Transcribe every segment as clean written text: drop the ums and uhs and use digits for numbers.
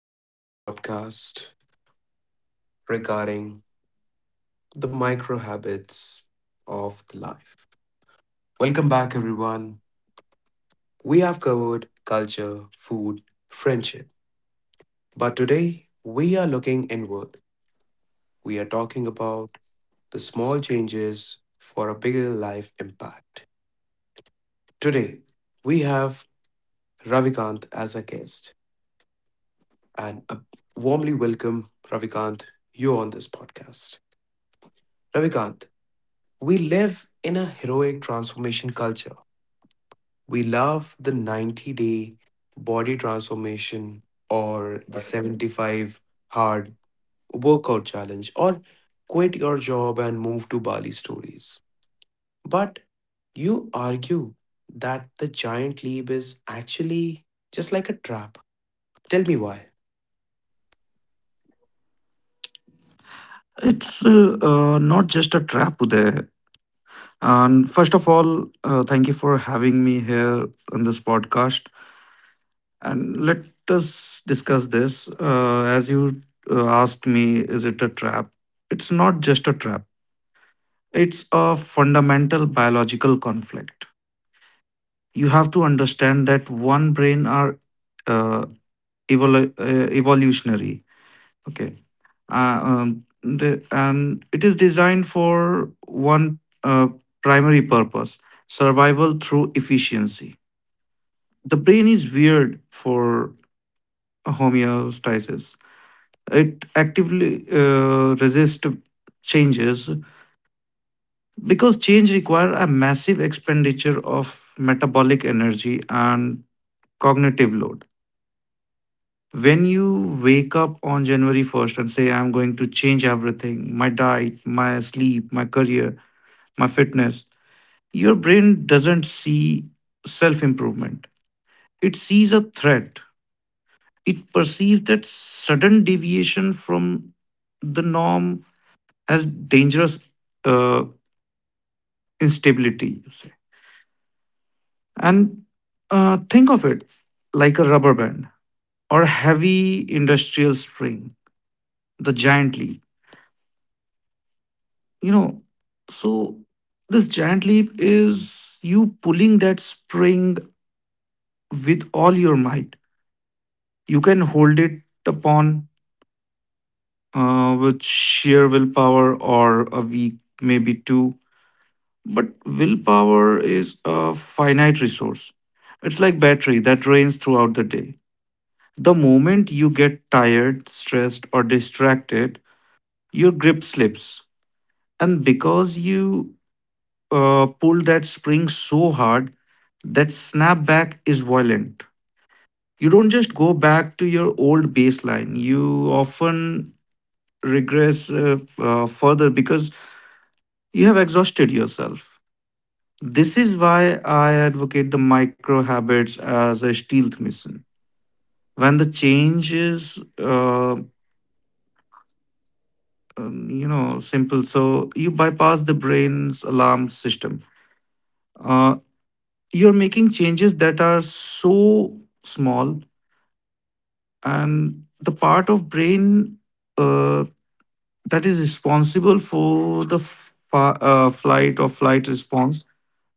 to another podcast regarding the micro habits of the life. Welcome back, everyone. We have covered culture, food, friendship, but today we are looking inward. We are talking about the small changes for a bigger life impact. Today we have Ravikant as a guest, and warmly welcome Ravikant. You on this podcast, Ravikant. We live in a heroic transformation culture. We love the 90-day body transformation or the 75 hard workout challenge or quit your job and move to Bali stories. But you argue that the giant leap is actually just like a trap. Tell me why. It's not just a trap, Uday. And first of all, thank you for having me here on this podcast. And let us discuss this. As you asked me, is it a trap? It's not just a trap, it's a fundamental biological conflict. You have to understand that one brain are uh, evolutionary. Okay. And it is designed for one uh, primary purpose, survival through efficiency. The brain is weird for homeostasis. It actively resists changes because change requires a massive expenditure of metabolic energy and cognitive load. When you wake up on January 1st and say I'm going to change everything, my diet, my sleep, my career, my fitness, your brain doesn't see self improvement. It sees a threat. It perceives that sudden deviation from the norm as dangerous uh, instability, you say. And think of it like a rubber band or a heavy industrial spring, the giant leap. You know, so this giant leap is you pulling that spring with all your might. You can hold it upon with sheer willpower or a week, maybe two. But willpower is a finite resource. It's like battery that drains throughout the day. The moment you get tired, stressed, or distracted, your grip slips. And because you pull that spring so hard, that snapback is violent. You don't just go back to your old baseline, you often regress further because you have exhausted yourself. This is why I advocate the micro habits as a stealth mission. When the change is, simple, so you bypass the brain's alarm system. Uh, you're making changes that are so small, and the part of brain uh, that is responsible for the flight or flight response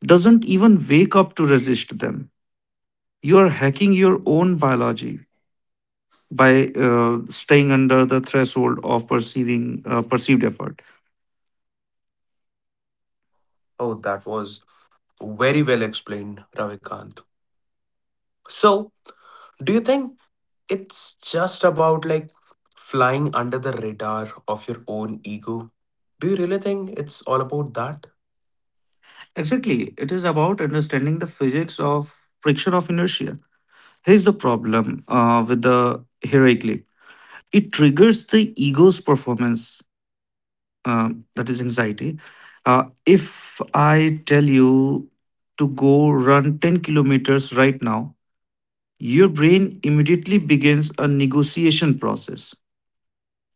doesn't even wake up to resist them. You are hacking your own biology by staying under the threshold of perceiving perceived effort. Oh, that was very well explained, Ravikant. So, do you think it's just about like flying under the radar of your own ego. Do you really think it's all about that? Exactly, it is about understanding the physics of friction of inertia. Here's the problem with the hieroglyph: it triggers the ego's performance, uh, that is anxiety. If I tell you to go run 10 kilometers right now, your brain immediately begins a negotiation process.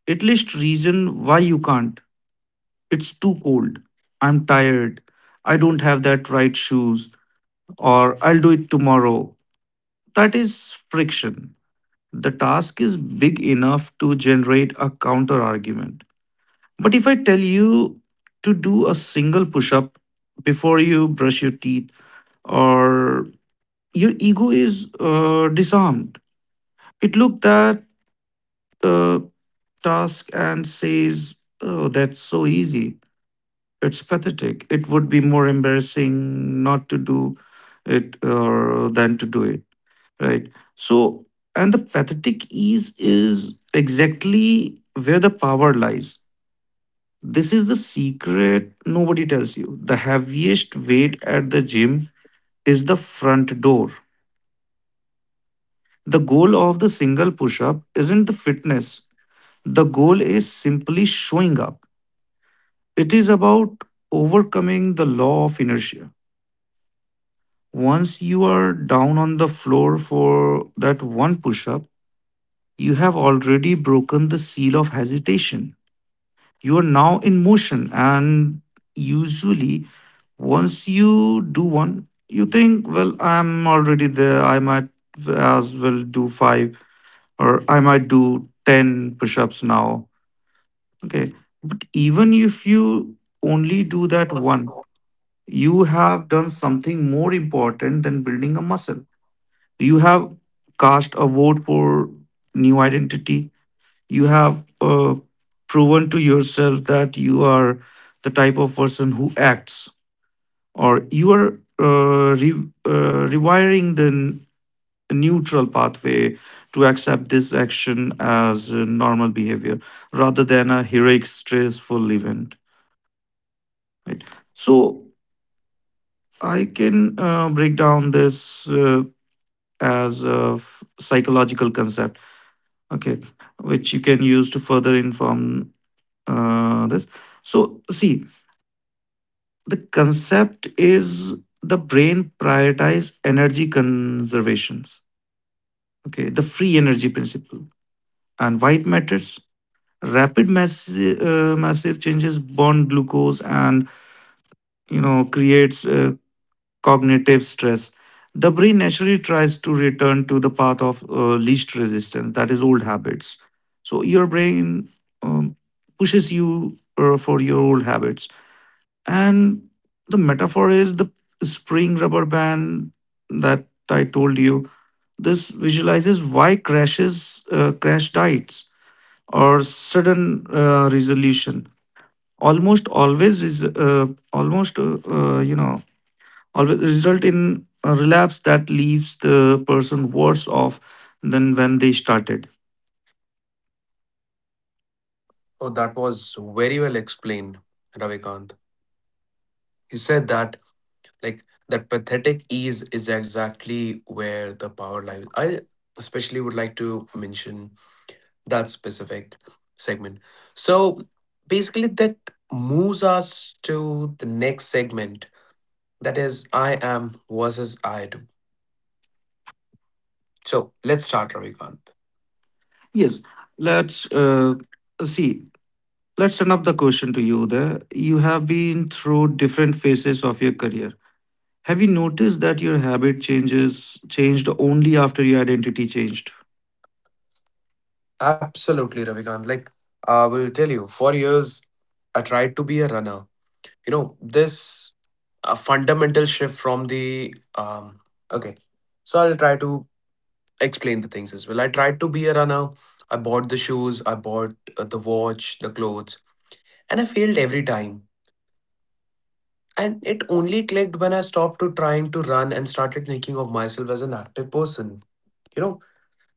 At least reason why you can't. It's too cold. I'm tired. I don't have that right shoes. Or I'll do it tomorrow. That is friction. The task is big enough to generate a counter argument. But if I tell you to do a single push up before you brush your teeth, or your ego is disarmed, it looked that uh, task and says, "Oh, that's so easy. It's pathetic. It would be more embarrassing not to do it or than to do it." Right. So, and the pathetic ease is exactly where the power lies. This is the secret nobody tells you. The heaviest weight at the gym is the front door. The goal of the single push up isn't the fitness, the goal is simply showing up. It is about overcoming the law of inertia. Once you are down on the floor for that one push up, you have already broken the seal of hesitation. You are now in motion, and usually, once you do one, you think, "Well, I'm already there. I might as well do five, or I might do 10 push ups now." Okay. But even if you only do that one, you have done something more important than building a muscle. You have cast a vote for new identity. You have proven to yourself that you are the type of person who acts, or you are uh, re- rewiring the neutral pathway to accept this action as a normal behavior rather than a heroic, stressful event. Right. So I can break down this. As a psychological concept, okay, which you can use to further inform this. So see, the concept is the brain prioritize energy conservations, okay, the free energy principle and why it matters. Rapid massive, massive changes bond glucose and, you know, creates cognitive stress. The brain naturally tries to return to the path of least resistance, that is, old habits. So your brain um, pushes you for your old habits. And the metaphor is the spring rubber band that I told you. This visualizes why crashes, crash diets, or sudden resolution almost always is almost you know always result in a relapse that leaves the person worse off than when they started. Oh, that was very well explained, Ravikant. You said that like that pathetic ease is exactly where the power lies. I especially would like to mention that specific segment. So basically, that moves us to the next segment. That is, I am versus I do. So let's start, Ravikant. Yes, let's see. Let's turn up the question to you. There, you have been through different phases of your career. Have you noticed that your habit changes changed only after your identity changed? Absolutely, Ravikant. Like I will tell you, for years I tried to be a runner. You know, this a fundamental shift from the okay. So I'll try to explain the things as well. I tried to be a runner. I bought the shoes, I bought the watch, the clothes, and I failed every time. And it only clicked when I stopped to trying to run and started thinking of myself as an active person. You know,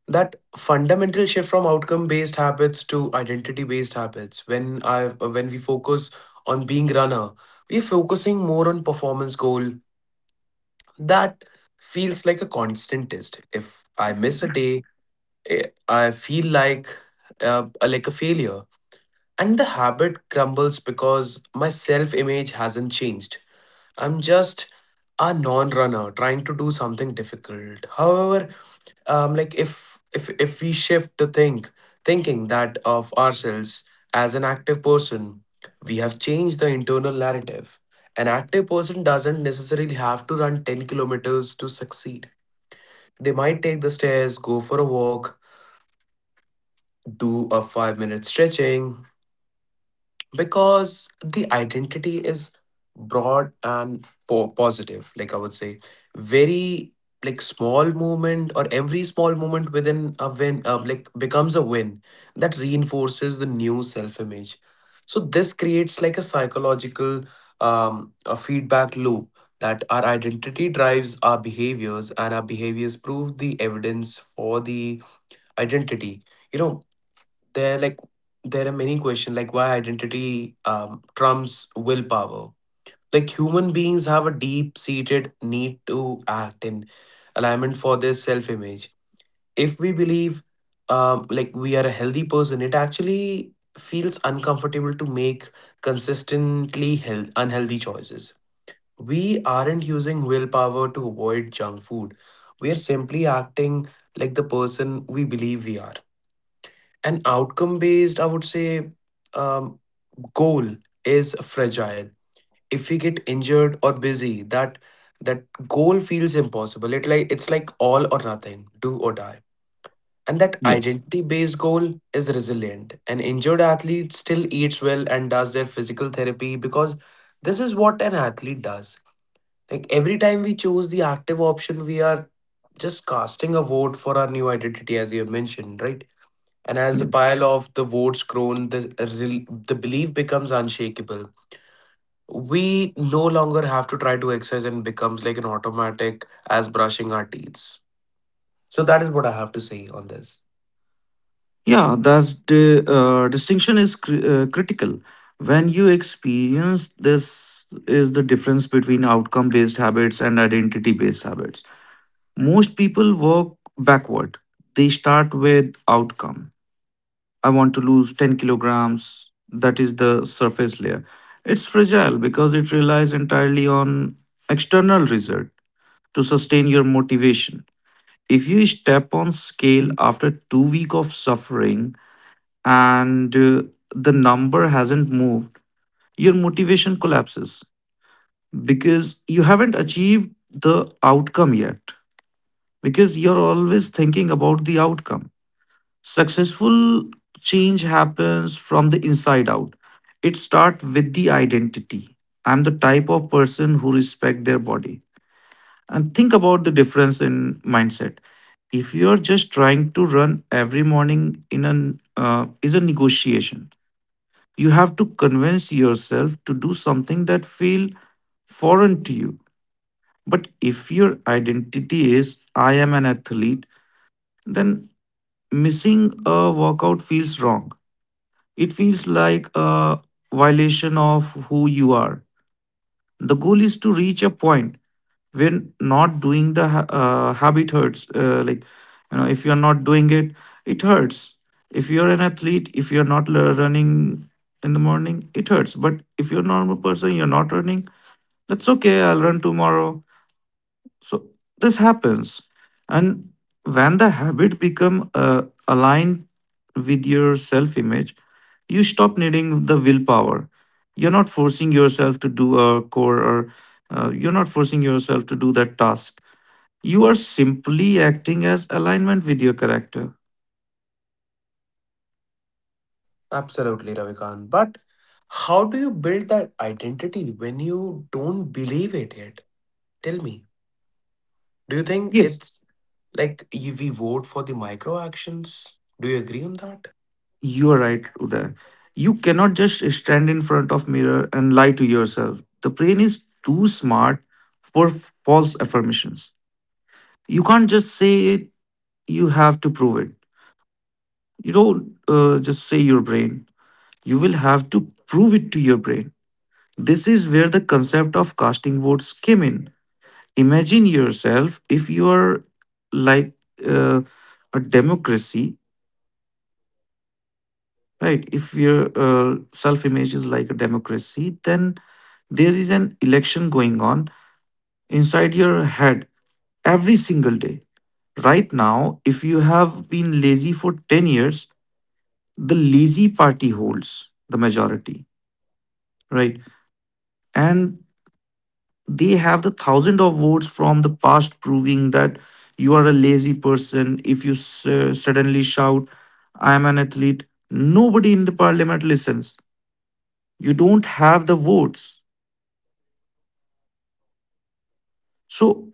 that fundamental shift from outcome based habits to identity based habits. When we focus on being runner, we're focusing more on performance goal that feels like a constant test. If I miss a day, eh, I feel like a failure, and the habit crumbles because my self image hasn't changed. I'm just a non-runner trying to do something difficult. However, like, if we shift to thinking that of ourselves as an active person, we have changed the internal narrative. An active person doesn't necessarily have to run 10 kilometers to succeed. They might take the stairs, go for a walk, do a 5-minute stretching, because the identity is broad and positive. Like, I would say, very, like, small movement or every small moment within a win, like, becomes a win that reinforces the new self image. So this creates like a psychological a feedback loop, that our identity drives our behaviors and our behaviors prove the evidence for the identity, you know. there like there are many questions like why identity trumps willpower. Like, human beings have a deep seated need to act in alignment for their self image. If we believe, like, we are a healthy person, it actually feels uncomfortable to make consistently unhealthy choices. We aren't using willpower to avoid junk food, we are simply acting like the person we believe we are. An outcome based, I would say, um, goal is fragile. If we get injured or busy, that goal feels impossible. It's like all or nothing, do or die. And that Yes. identity based goal is resilient. An injured athlete still eats well and does their physical therapy because this is what an athlete does. Like, every time we choose the active option, we are just casting a vote for our new identity, as you have mentioned, right? And as the Yeah, pile of the votes grown, the the belief becomes unshakable. We no longer have to try to exercise and becomes like an automatic as brushing our teeth. So that is what I have to say on this. Yeah, that's the distinction is critical. When you experience this, is the difference between outcome based habits and identity based habits. Most people work backward. They start with outcome. I want to lose 10 kilograms. That is the surface layer. It's fragile because it relies entirely on external result to sustain your motivation. If you step on scale after 2 weeks week of suffering and the number hasn't moved, your motivation collapses because you haven't achieved the outcome yet, because you're always thinking about the outcome. Successful change happens from the inside out. It starts with the identity. I'm the type of person who respect their body. And think about the difference in mindset. If you are just trying to run every morning in an is a negotiation. You have to convince yourself to do something that feel foreign to you. But if your identity is I am an athlete, then missing a workout feels wrong, it feels like a violation of who you are. The goal is to reach a point where not doing the habit hurts. Like, you know, if you're not doing it, it hurts. If you're an athlete, if you're not running in the morning, it hurts. But if you're a normal person, you're not running, that's okay. I'll run tomorrow. So this happens. And when the habit become aligned with your self-image, you stop needing the willpower. You're not forcing yourself to do a core, or you're not forcing yourself to do that task. You are simply acting as alignment with your character. Absolutely, Ravikant. But how do you build that identity when you don't believe it yet? Tell me. Do you think Yes. it's like we vote for the micro actions? Do you agree on that? You are right, Uday. You cannot just stand in front of mirror and lie to yourself. The brain is too smart for false affirmations. You can't just say it, you have to prove it. You don't just say your brain, you will have to prove it to your brain. This is where the concept of casting votes came in. Imagine yourself, if you are like uh, a democracy, right? If your self image is like a democracy, then there is an election going on inside your head every single day. Right now, if you have been lazy for 10 years, the lazy party holds the majority, right? And they have the thousand of votes from the past proving that you are a lazy person. If you suddenly shout, "I am an athlete," nobody in the parliament listens. You don't have the votes. So,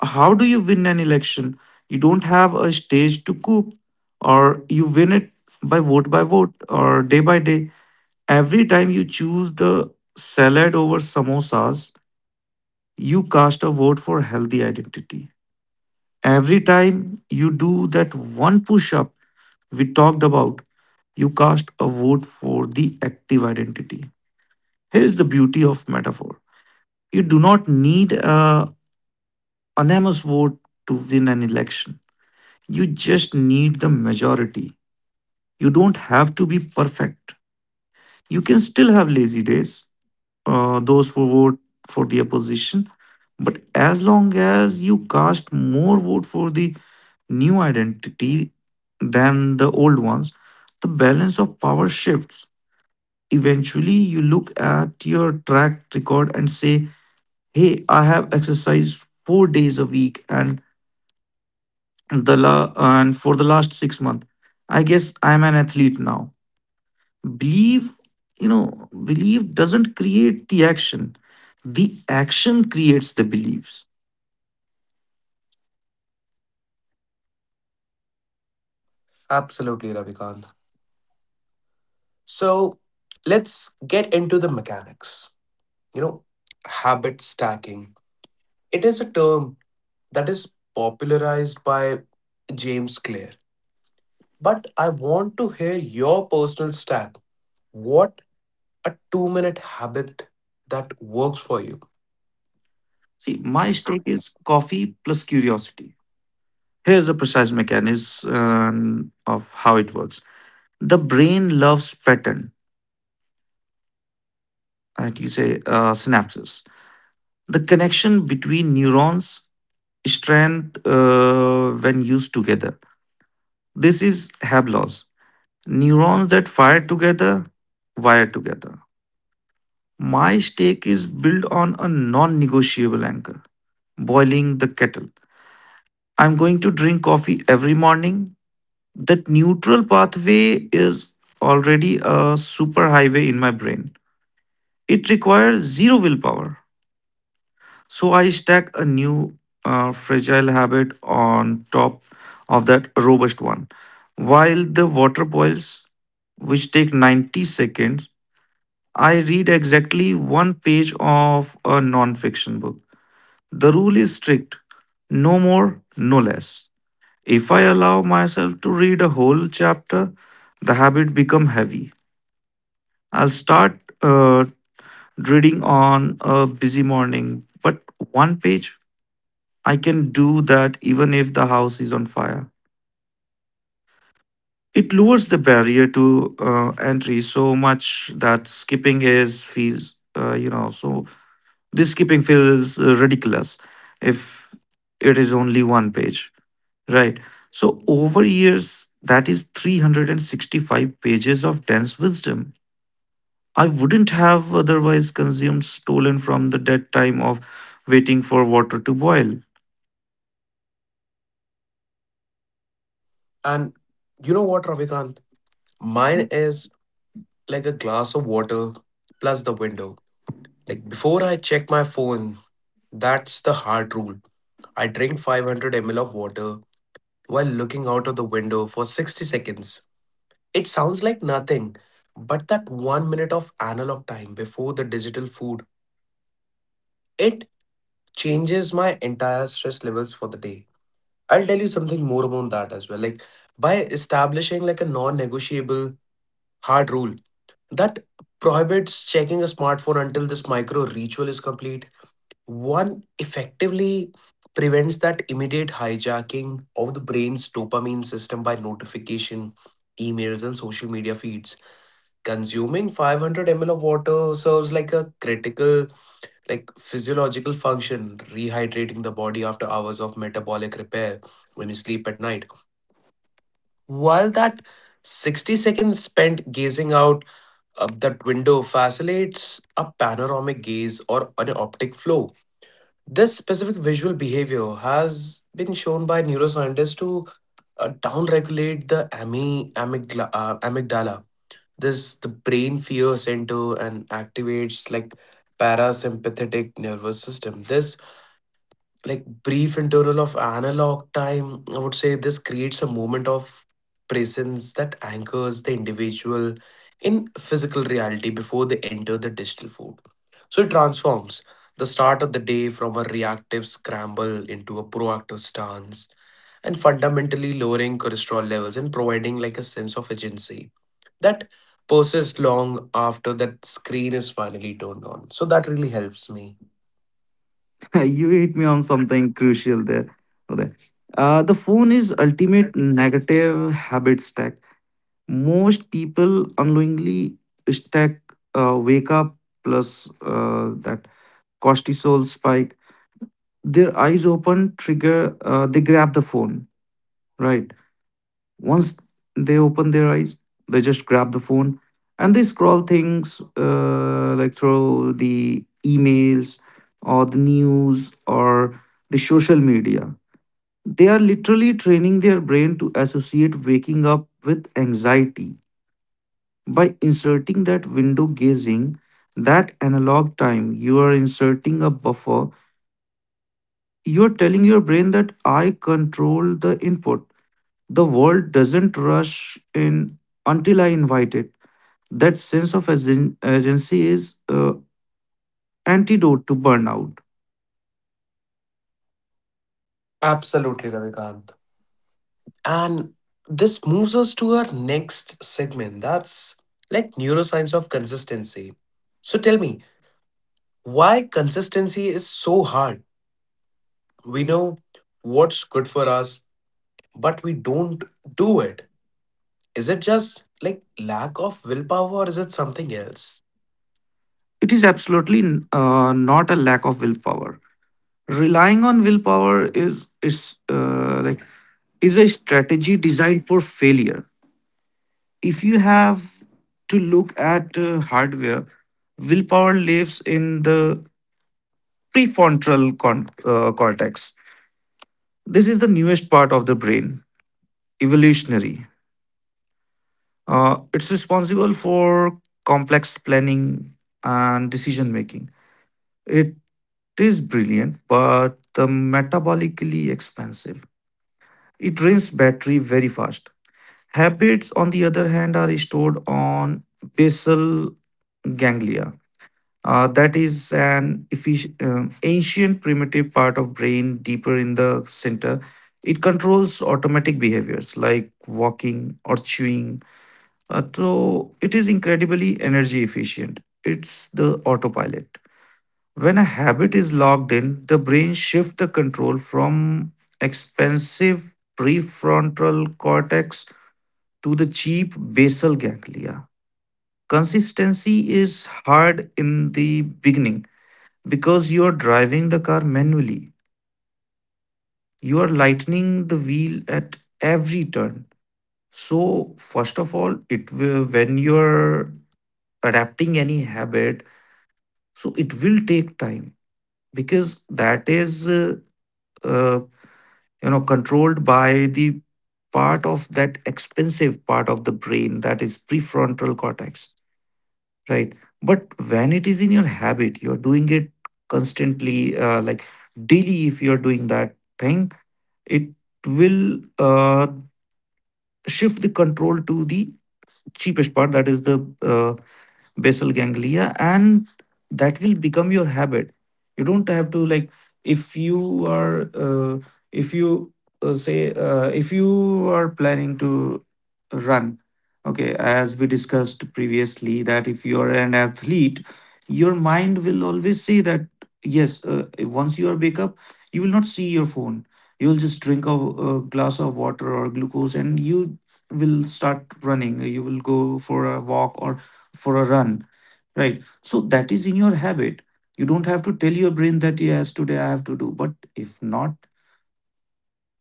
how do you win an election? You don't have a stage to coup, or you win it by vote or day by day. Every time you choose the salad over samosas, you cast a vote for healthy identity. Every time you do that one push up we talked about, you cast a vote for the active identity. Here's the beauty of metaphor, you do not need a unanimous vote to win an election, you just need the majority. You don't have to be perfect. You can still have lazy days. Those who vote for the opposition. But as long as you cast more vote for the new identity than the old ones, the balance of power shifts. Eventually, you look at your track record and say, "Hey, I have exercised 4 days a week, and for the last 6 months, I guess I'm an athlete now." Belief, you know, belief doesn't create the action. The action creates the beliefs. Absolutely, Ravikant. So let's get into the mechanics. You know, habit stacking, it is a term that is popularized by James Clear, but I want to hear your personal stack. What a 2-minute habit that works for you? See, my stake is coffee plus curiosity. Here's the precise mechanism of how it works. The brain loves pattern, right? You say synapses. The connection between neurons strength when used together. This is Hablow's. Neurons that fire together wire together. My stake is built on a non negotiable anchor, boiling the kettle. I'm going to drink coffee every morning. That neutral pathway is already a superhighway in my brain. It requires zero willpower. So I stack a new fragile habit on top of that robust one. While the water boils, which take 90 seconds, I read exactly one page of a non-fiction book. The rule is strict, no more, no less. If I allow myself to read a whole chapter, the habit become heavy. I'll start reading on a busy morning, but one page, I can do that even if the house is on fire. It lowers the barrier to entry so much that skipping is feels you know so this skipping feels ridiculous if it is only one page. Right. So over years, that is 365 pages of dense wisdom. I wouldn't have otherwise consumed, stolen from the dead time of waiting for water to boil. And you know what, Ravikant, mine is like a glass of water plus the window. Like, before I check my phone, that's the hard rule. I drink 500 ml of water while looking out of the window for 60 seconds. It sounds like nothing, but that 1 minute of analog time before the digital food, it changes my entire stress levels for the day. I'll tell you something more about that as well. Like, by establishing like a non-negotiable hard rule that prohibits checking a smartphone until this micro ritual is complete, one effectively prevents that immediate hijacking of the brain's dopamine system by notification, emails, and social media feeds. Consuming 500 ml of water serves like a critical, like, physiological function, rehydrating the body after hours of metabolic repair when you sleep at night. While that 60 seconds spent gazing out of that window facilitates a panoramic gaze or an optic flow. This specific visual behavior has been shown by neuroscientists to downregulate the amygdala, this the brain fears into, and activates like parasympathetic nervous system. This, like, brief interval of analog time, I would say, this creates a moment of presence that anchors the individual in physical reality before they enter the digital fold. So it transforms the start of the day from a reactive scramble into a proactive stance, and fundamentally lowering cholesterol levels and providing like a sense of agency that persists long after that screen is finally turned on. So that really helps me. You hit me on something crucial there, Uday. The phone is ultimate negative habit stack. Most people unknowingly stack wake up plus that. Cortisol spike. Their eyes open, trigger, they grab the phone, right? Once they open their eyes, they just grab the phone and they scroll things like through the emails or the news or the social media. They are literally training their brain to associate waking up with anxiety. By inserting that window gazing, that analog time, you are inserting a buffer. You're telling your brain that I control the input. The world doesn't rush in until I invite it. That sense of agency is antidote to burnout. Absolutely, Ravikant. And this moves us to our next segment, that's like neuroscience of consistency. So tell me, why consistency is so hard? We know what's good for us, but we don't do it. Is it just like lack of willpower, or is it something else? It is absolutely not a lack of willpower. Relying on willpower is like is a strategy designed for failure. If you have to look at hardware, willpower lives in the cortex. This is the newest part of the brain, evolutionary. It's responsible for complex planning and decision making. It is brilliant, but the metabolically expensive. It drains battery very fast. Habits, on the other hand, are stored on basal ganglia. That is an ancient primitive part of brain deeper in the center. It controls automatic behaviors like walking or chewing. So it is incredibly energy efficient. It's the autopilot. When a habit is logged in, the brain shifts the control from expensive prefrontal cortex to the cheap basal ganglia. Consistency is hard in the beginning because you are driving the car manually. You are lightening the wheel at every turn. So, first of all, it will, when you're adapting any habit, so it will take time because that is, uh, you know, controlled by the part of that expensive part of the brain that is prefrontal cortex, right? But when it is in your habit, you're doing it constantly, like daily, if you're doing that thing, it will shift the control to the cheapest part that is the basal ganglia, and that will become your habit. You don't have to like, if you are if you say if you are planning to run, okay, as we discussed previously that if you are an athlete, your mind will always say that yes, once you are wake up, you will not see your phone. You will just drink a glass of water or glucose, and you will start running. You will go for a walk or for a run, right? So that is in your habit. You don't have to tell your brain that yes, today I have to do. But if not,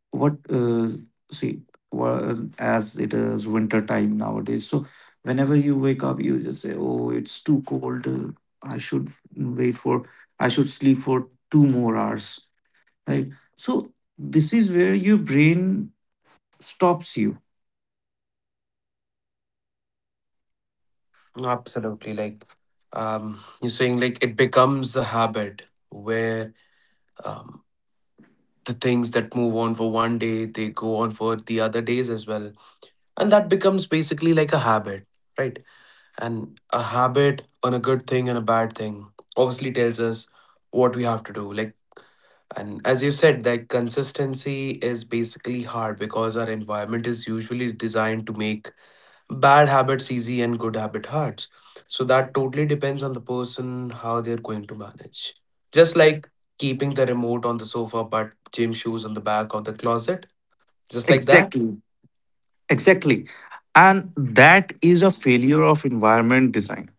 what see, well, as it is winter time nowadays, so whenever you wake up, you just say, "Oh, it's too cold. I should wait for. I should sleep for 2 more hours." Right. So this is where your brain stops you. Absolutely. Like, you're saying, like, it becomes a habit where, um, the things that move on for one day, they go on for the other days as well. And that becomes basically like a habit, right? And a habit on a good thing and a bad thing obviously tells us what we have to do. Like, and as you said, like, consistency is basically hard because our environment is usually designed to make bad habits easy and good habit hard. So that totally depends on the person how they're going to manage. Just like keeping the remote on the sofa but gym shoes on the back of the closet, just like that. Exactly. Exactly. And that is a failure of environment design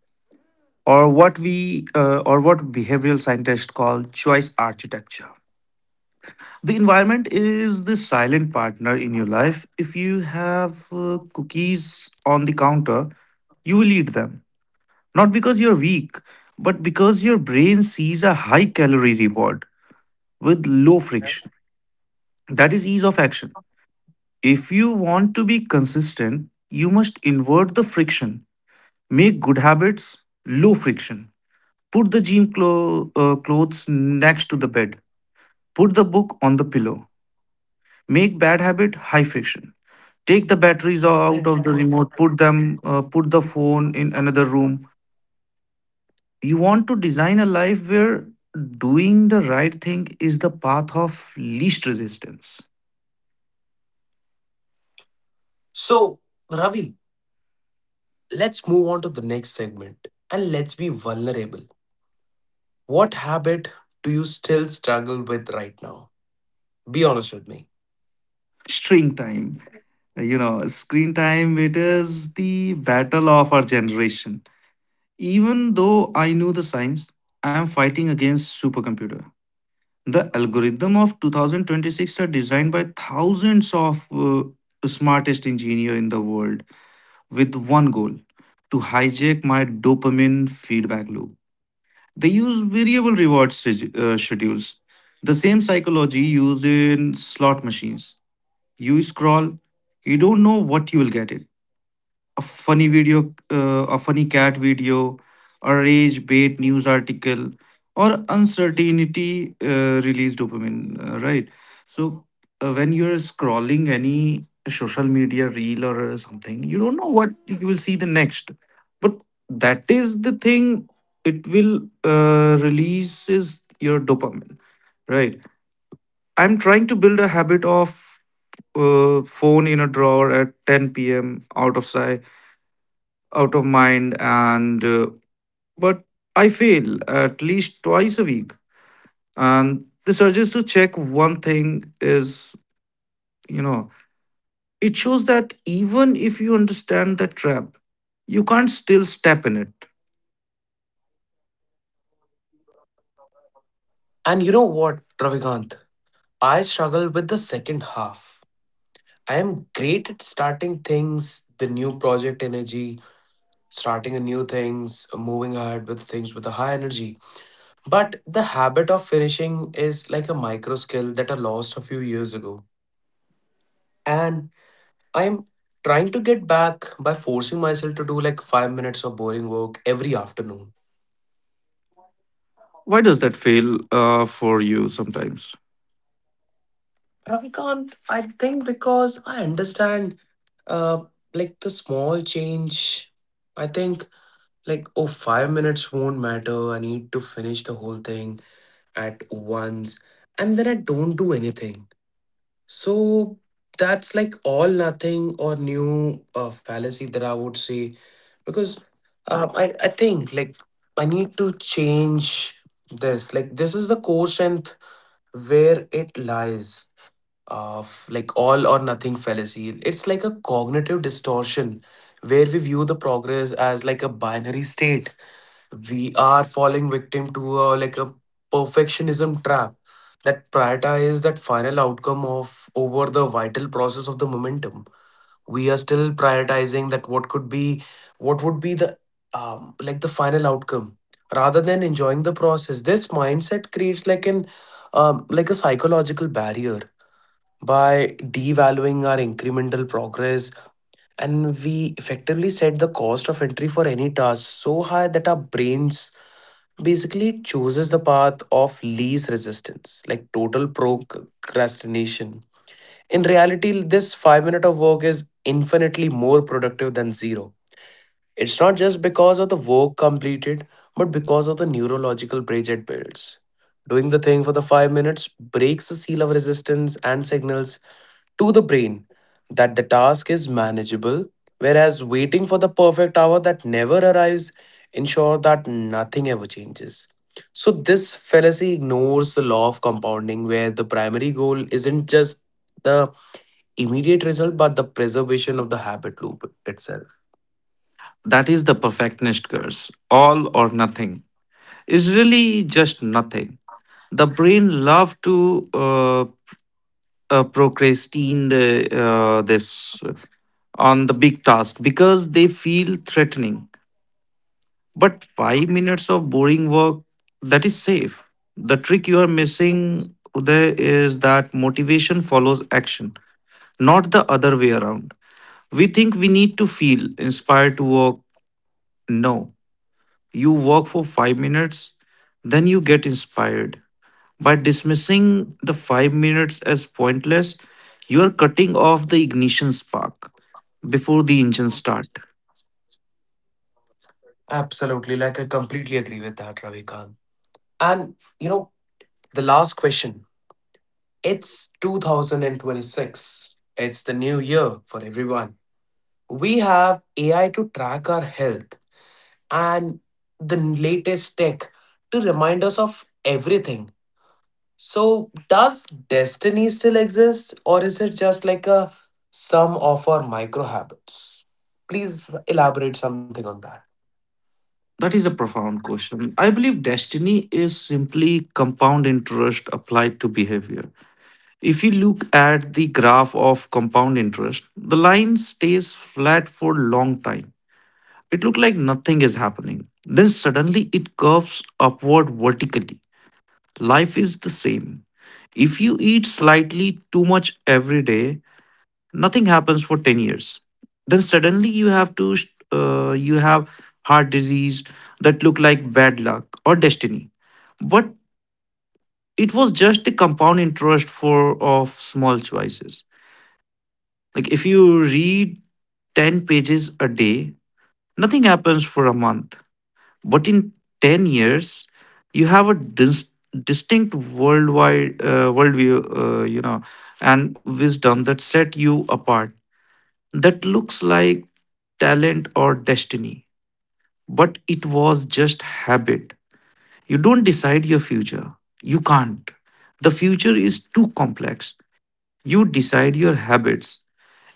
or what we or what behavioral scientists call choice architecture. The environment is the silent partner in your life. If you have cookies on the counter, you will eat them. Not because you're weak, but because your brain sees a high calorie reward with low friction. That is ease of action. If you want to be consistent, you must invert the friction. Make good habits low friction. Put the clothes next to the bed. Put the book on the pillow. Make bad habit high fiction. Take the batteries out of the remote. Put the phone in another room. You want to design a life where doing the right thing is the path of least resistance. So, Ravi, let's move on to the next segment, and let's be vulnerable. What habit do you still struggle with right now? Be honest with me. String time. You know, Screen time. It is the battle of our generation. Even though I knew the science, I am fighting against supercomputer. The algorithm of 2026 are designed by thousands of smartest engineer in the world with one goal to hijack my dopamine feedback loop. They use schedules, the same psychology used in slot machines. You scroll, you don't know what you will get it, a funny video, a funny cat video, a rage bait news article, or uncertainty release dopamine, right? So when you're scrolling any social media reel or something, you don't know what you will see the next. But that is the thing, it will releases your dopamine, right? I'm trying to build a habit of phone in a drawer at 10 p.m. out of sight, out of mind, and but I fail at least 2 times a week, and the urges to check one thing is, you know, it shows that even if you understand the trap, you can't still step in it. And you know what, Ravikant, I struggle with the second half. I am great at starting things, the new project energy, starting a new things, moving ahead with things with a high energy. But the habit of finishing is like a micro skill that I lost a few years ago. And I'm trying to get back by forcing myself to do like 5 minutes of boring work every afternoon. Why does that fail for you sometimes? Ravikant, I think because I understand uh like the small change. I think like, oh, 5 minutes won't matter. I need to finish the whole thing at once, and then I don't do anything. So that's like all nothing or new fallacy that I would say, because, I think, like, I need to change this. Like, this is the core strength where it lies, of like all or nothing fallacy. It's like a cognitive distortion where we view the progress as like a binary state. We are falling victim to like a perfectionism trap that prioritize that final outcome of over the vital process of the momentum. We are still prioritizing that what would be the, like, the final outcome, rather than enjoying the process. This mindset creates like an like a psychological barrier by devaluing our incremental progress, and we effectively set the cost of entry for any task so high that our brains basically, it chooses the path of least resistance, like total procrastination. In reality, this 5 minute of work is infinitely more productive than zero. It's not just because of the work completed, but because of the neurological bridge it builds. Doing the thing for the 5 minutes breaks the seal of resistance and signals to the brain that the task is manageable, whereas waiting for the perfect hour that never arrives ensure that nothing ever changes. So this fallacy ignores the law of compounding where the primary goal isn't just the immediate result but the preservation of the habit loop itself. That is the perfectionist curse. All or nothing is really just nothing. The brain love to uh, procrastinate the, this on the big task because they feel threatening. But 5 minutes of boring work, that is safe. The trick you are missing there is that motivation follows action, not the other way around. We think we need to feel inspired to work. No, you work for 5 minutes, then you get inspired. By dismissing the 5 minutes as pointless, you are cutting off the ignition spark before the engine start. Absolutely. Like, I completely agree with that, Ravikant. And you know, the last question. It's 2026. It's the new year for everyone. We have AI to track our health and the latest tech to remind us of everything. So, does destiny still exist, or is it just like a sum of our micro habits? Please elaborate something on that. That is a profound question. I believe destiny is simply compound interest applied to behavior. If you look at the graph of compound interest, the line stays flat for a long time. It looks like nothing is happening. Then suddenly it curves upward vertically. Life is the same. If you eat slightly too much every day, nothing happens for 10 years, then suddenly you have heart disease. That look like bad luck or destiny, but it was just the compound interest for of small choices. Like if you read 10 pages a day, nothing happens for a month, but in 10 years you have a distinct worldwide worldview, you know, and wisdom that set you apart. That looks like talent or destiny, but it was just habit. You don't decide your future. You can't. The future is too complex. You decide your habits,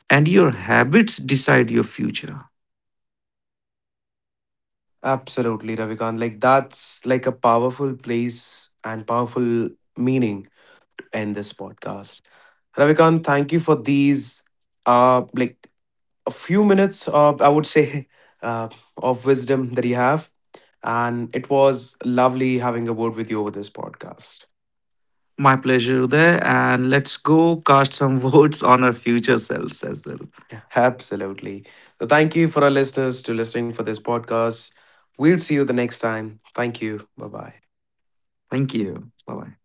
and your habits decide your future. Absolutely, Ravikant. Like, that's like a powerful place and powerful meaning to end this podcast. Ravikant, thank you for these like a few minutes of, I would say, uh, of wisdom that you have, and it was lovely having a word with you over this podcast. My pleasure there, and let's go cast some votes on our future selves as well. Absolutely. So thank you for our listeners to listening for this podcast. We'll see you the next time. Thank you, bye bye. Thank you. Bye bye.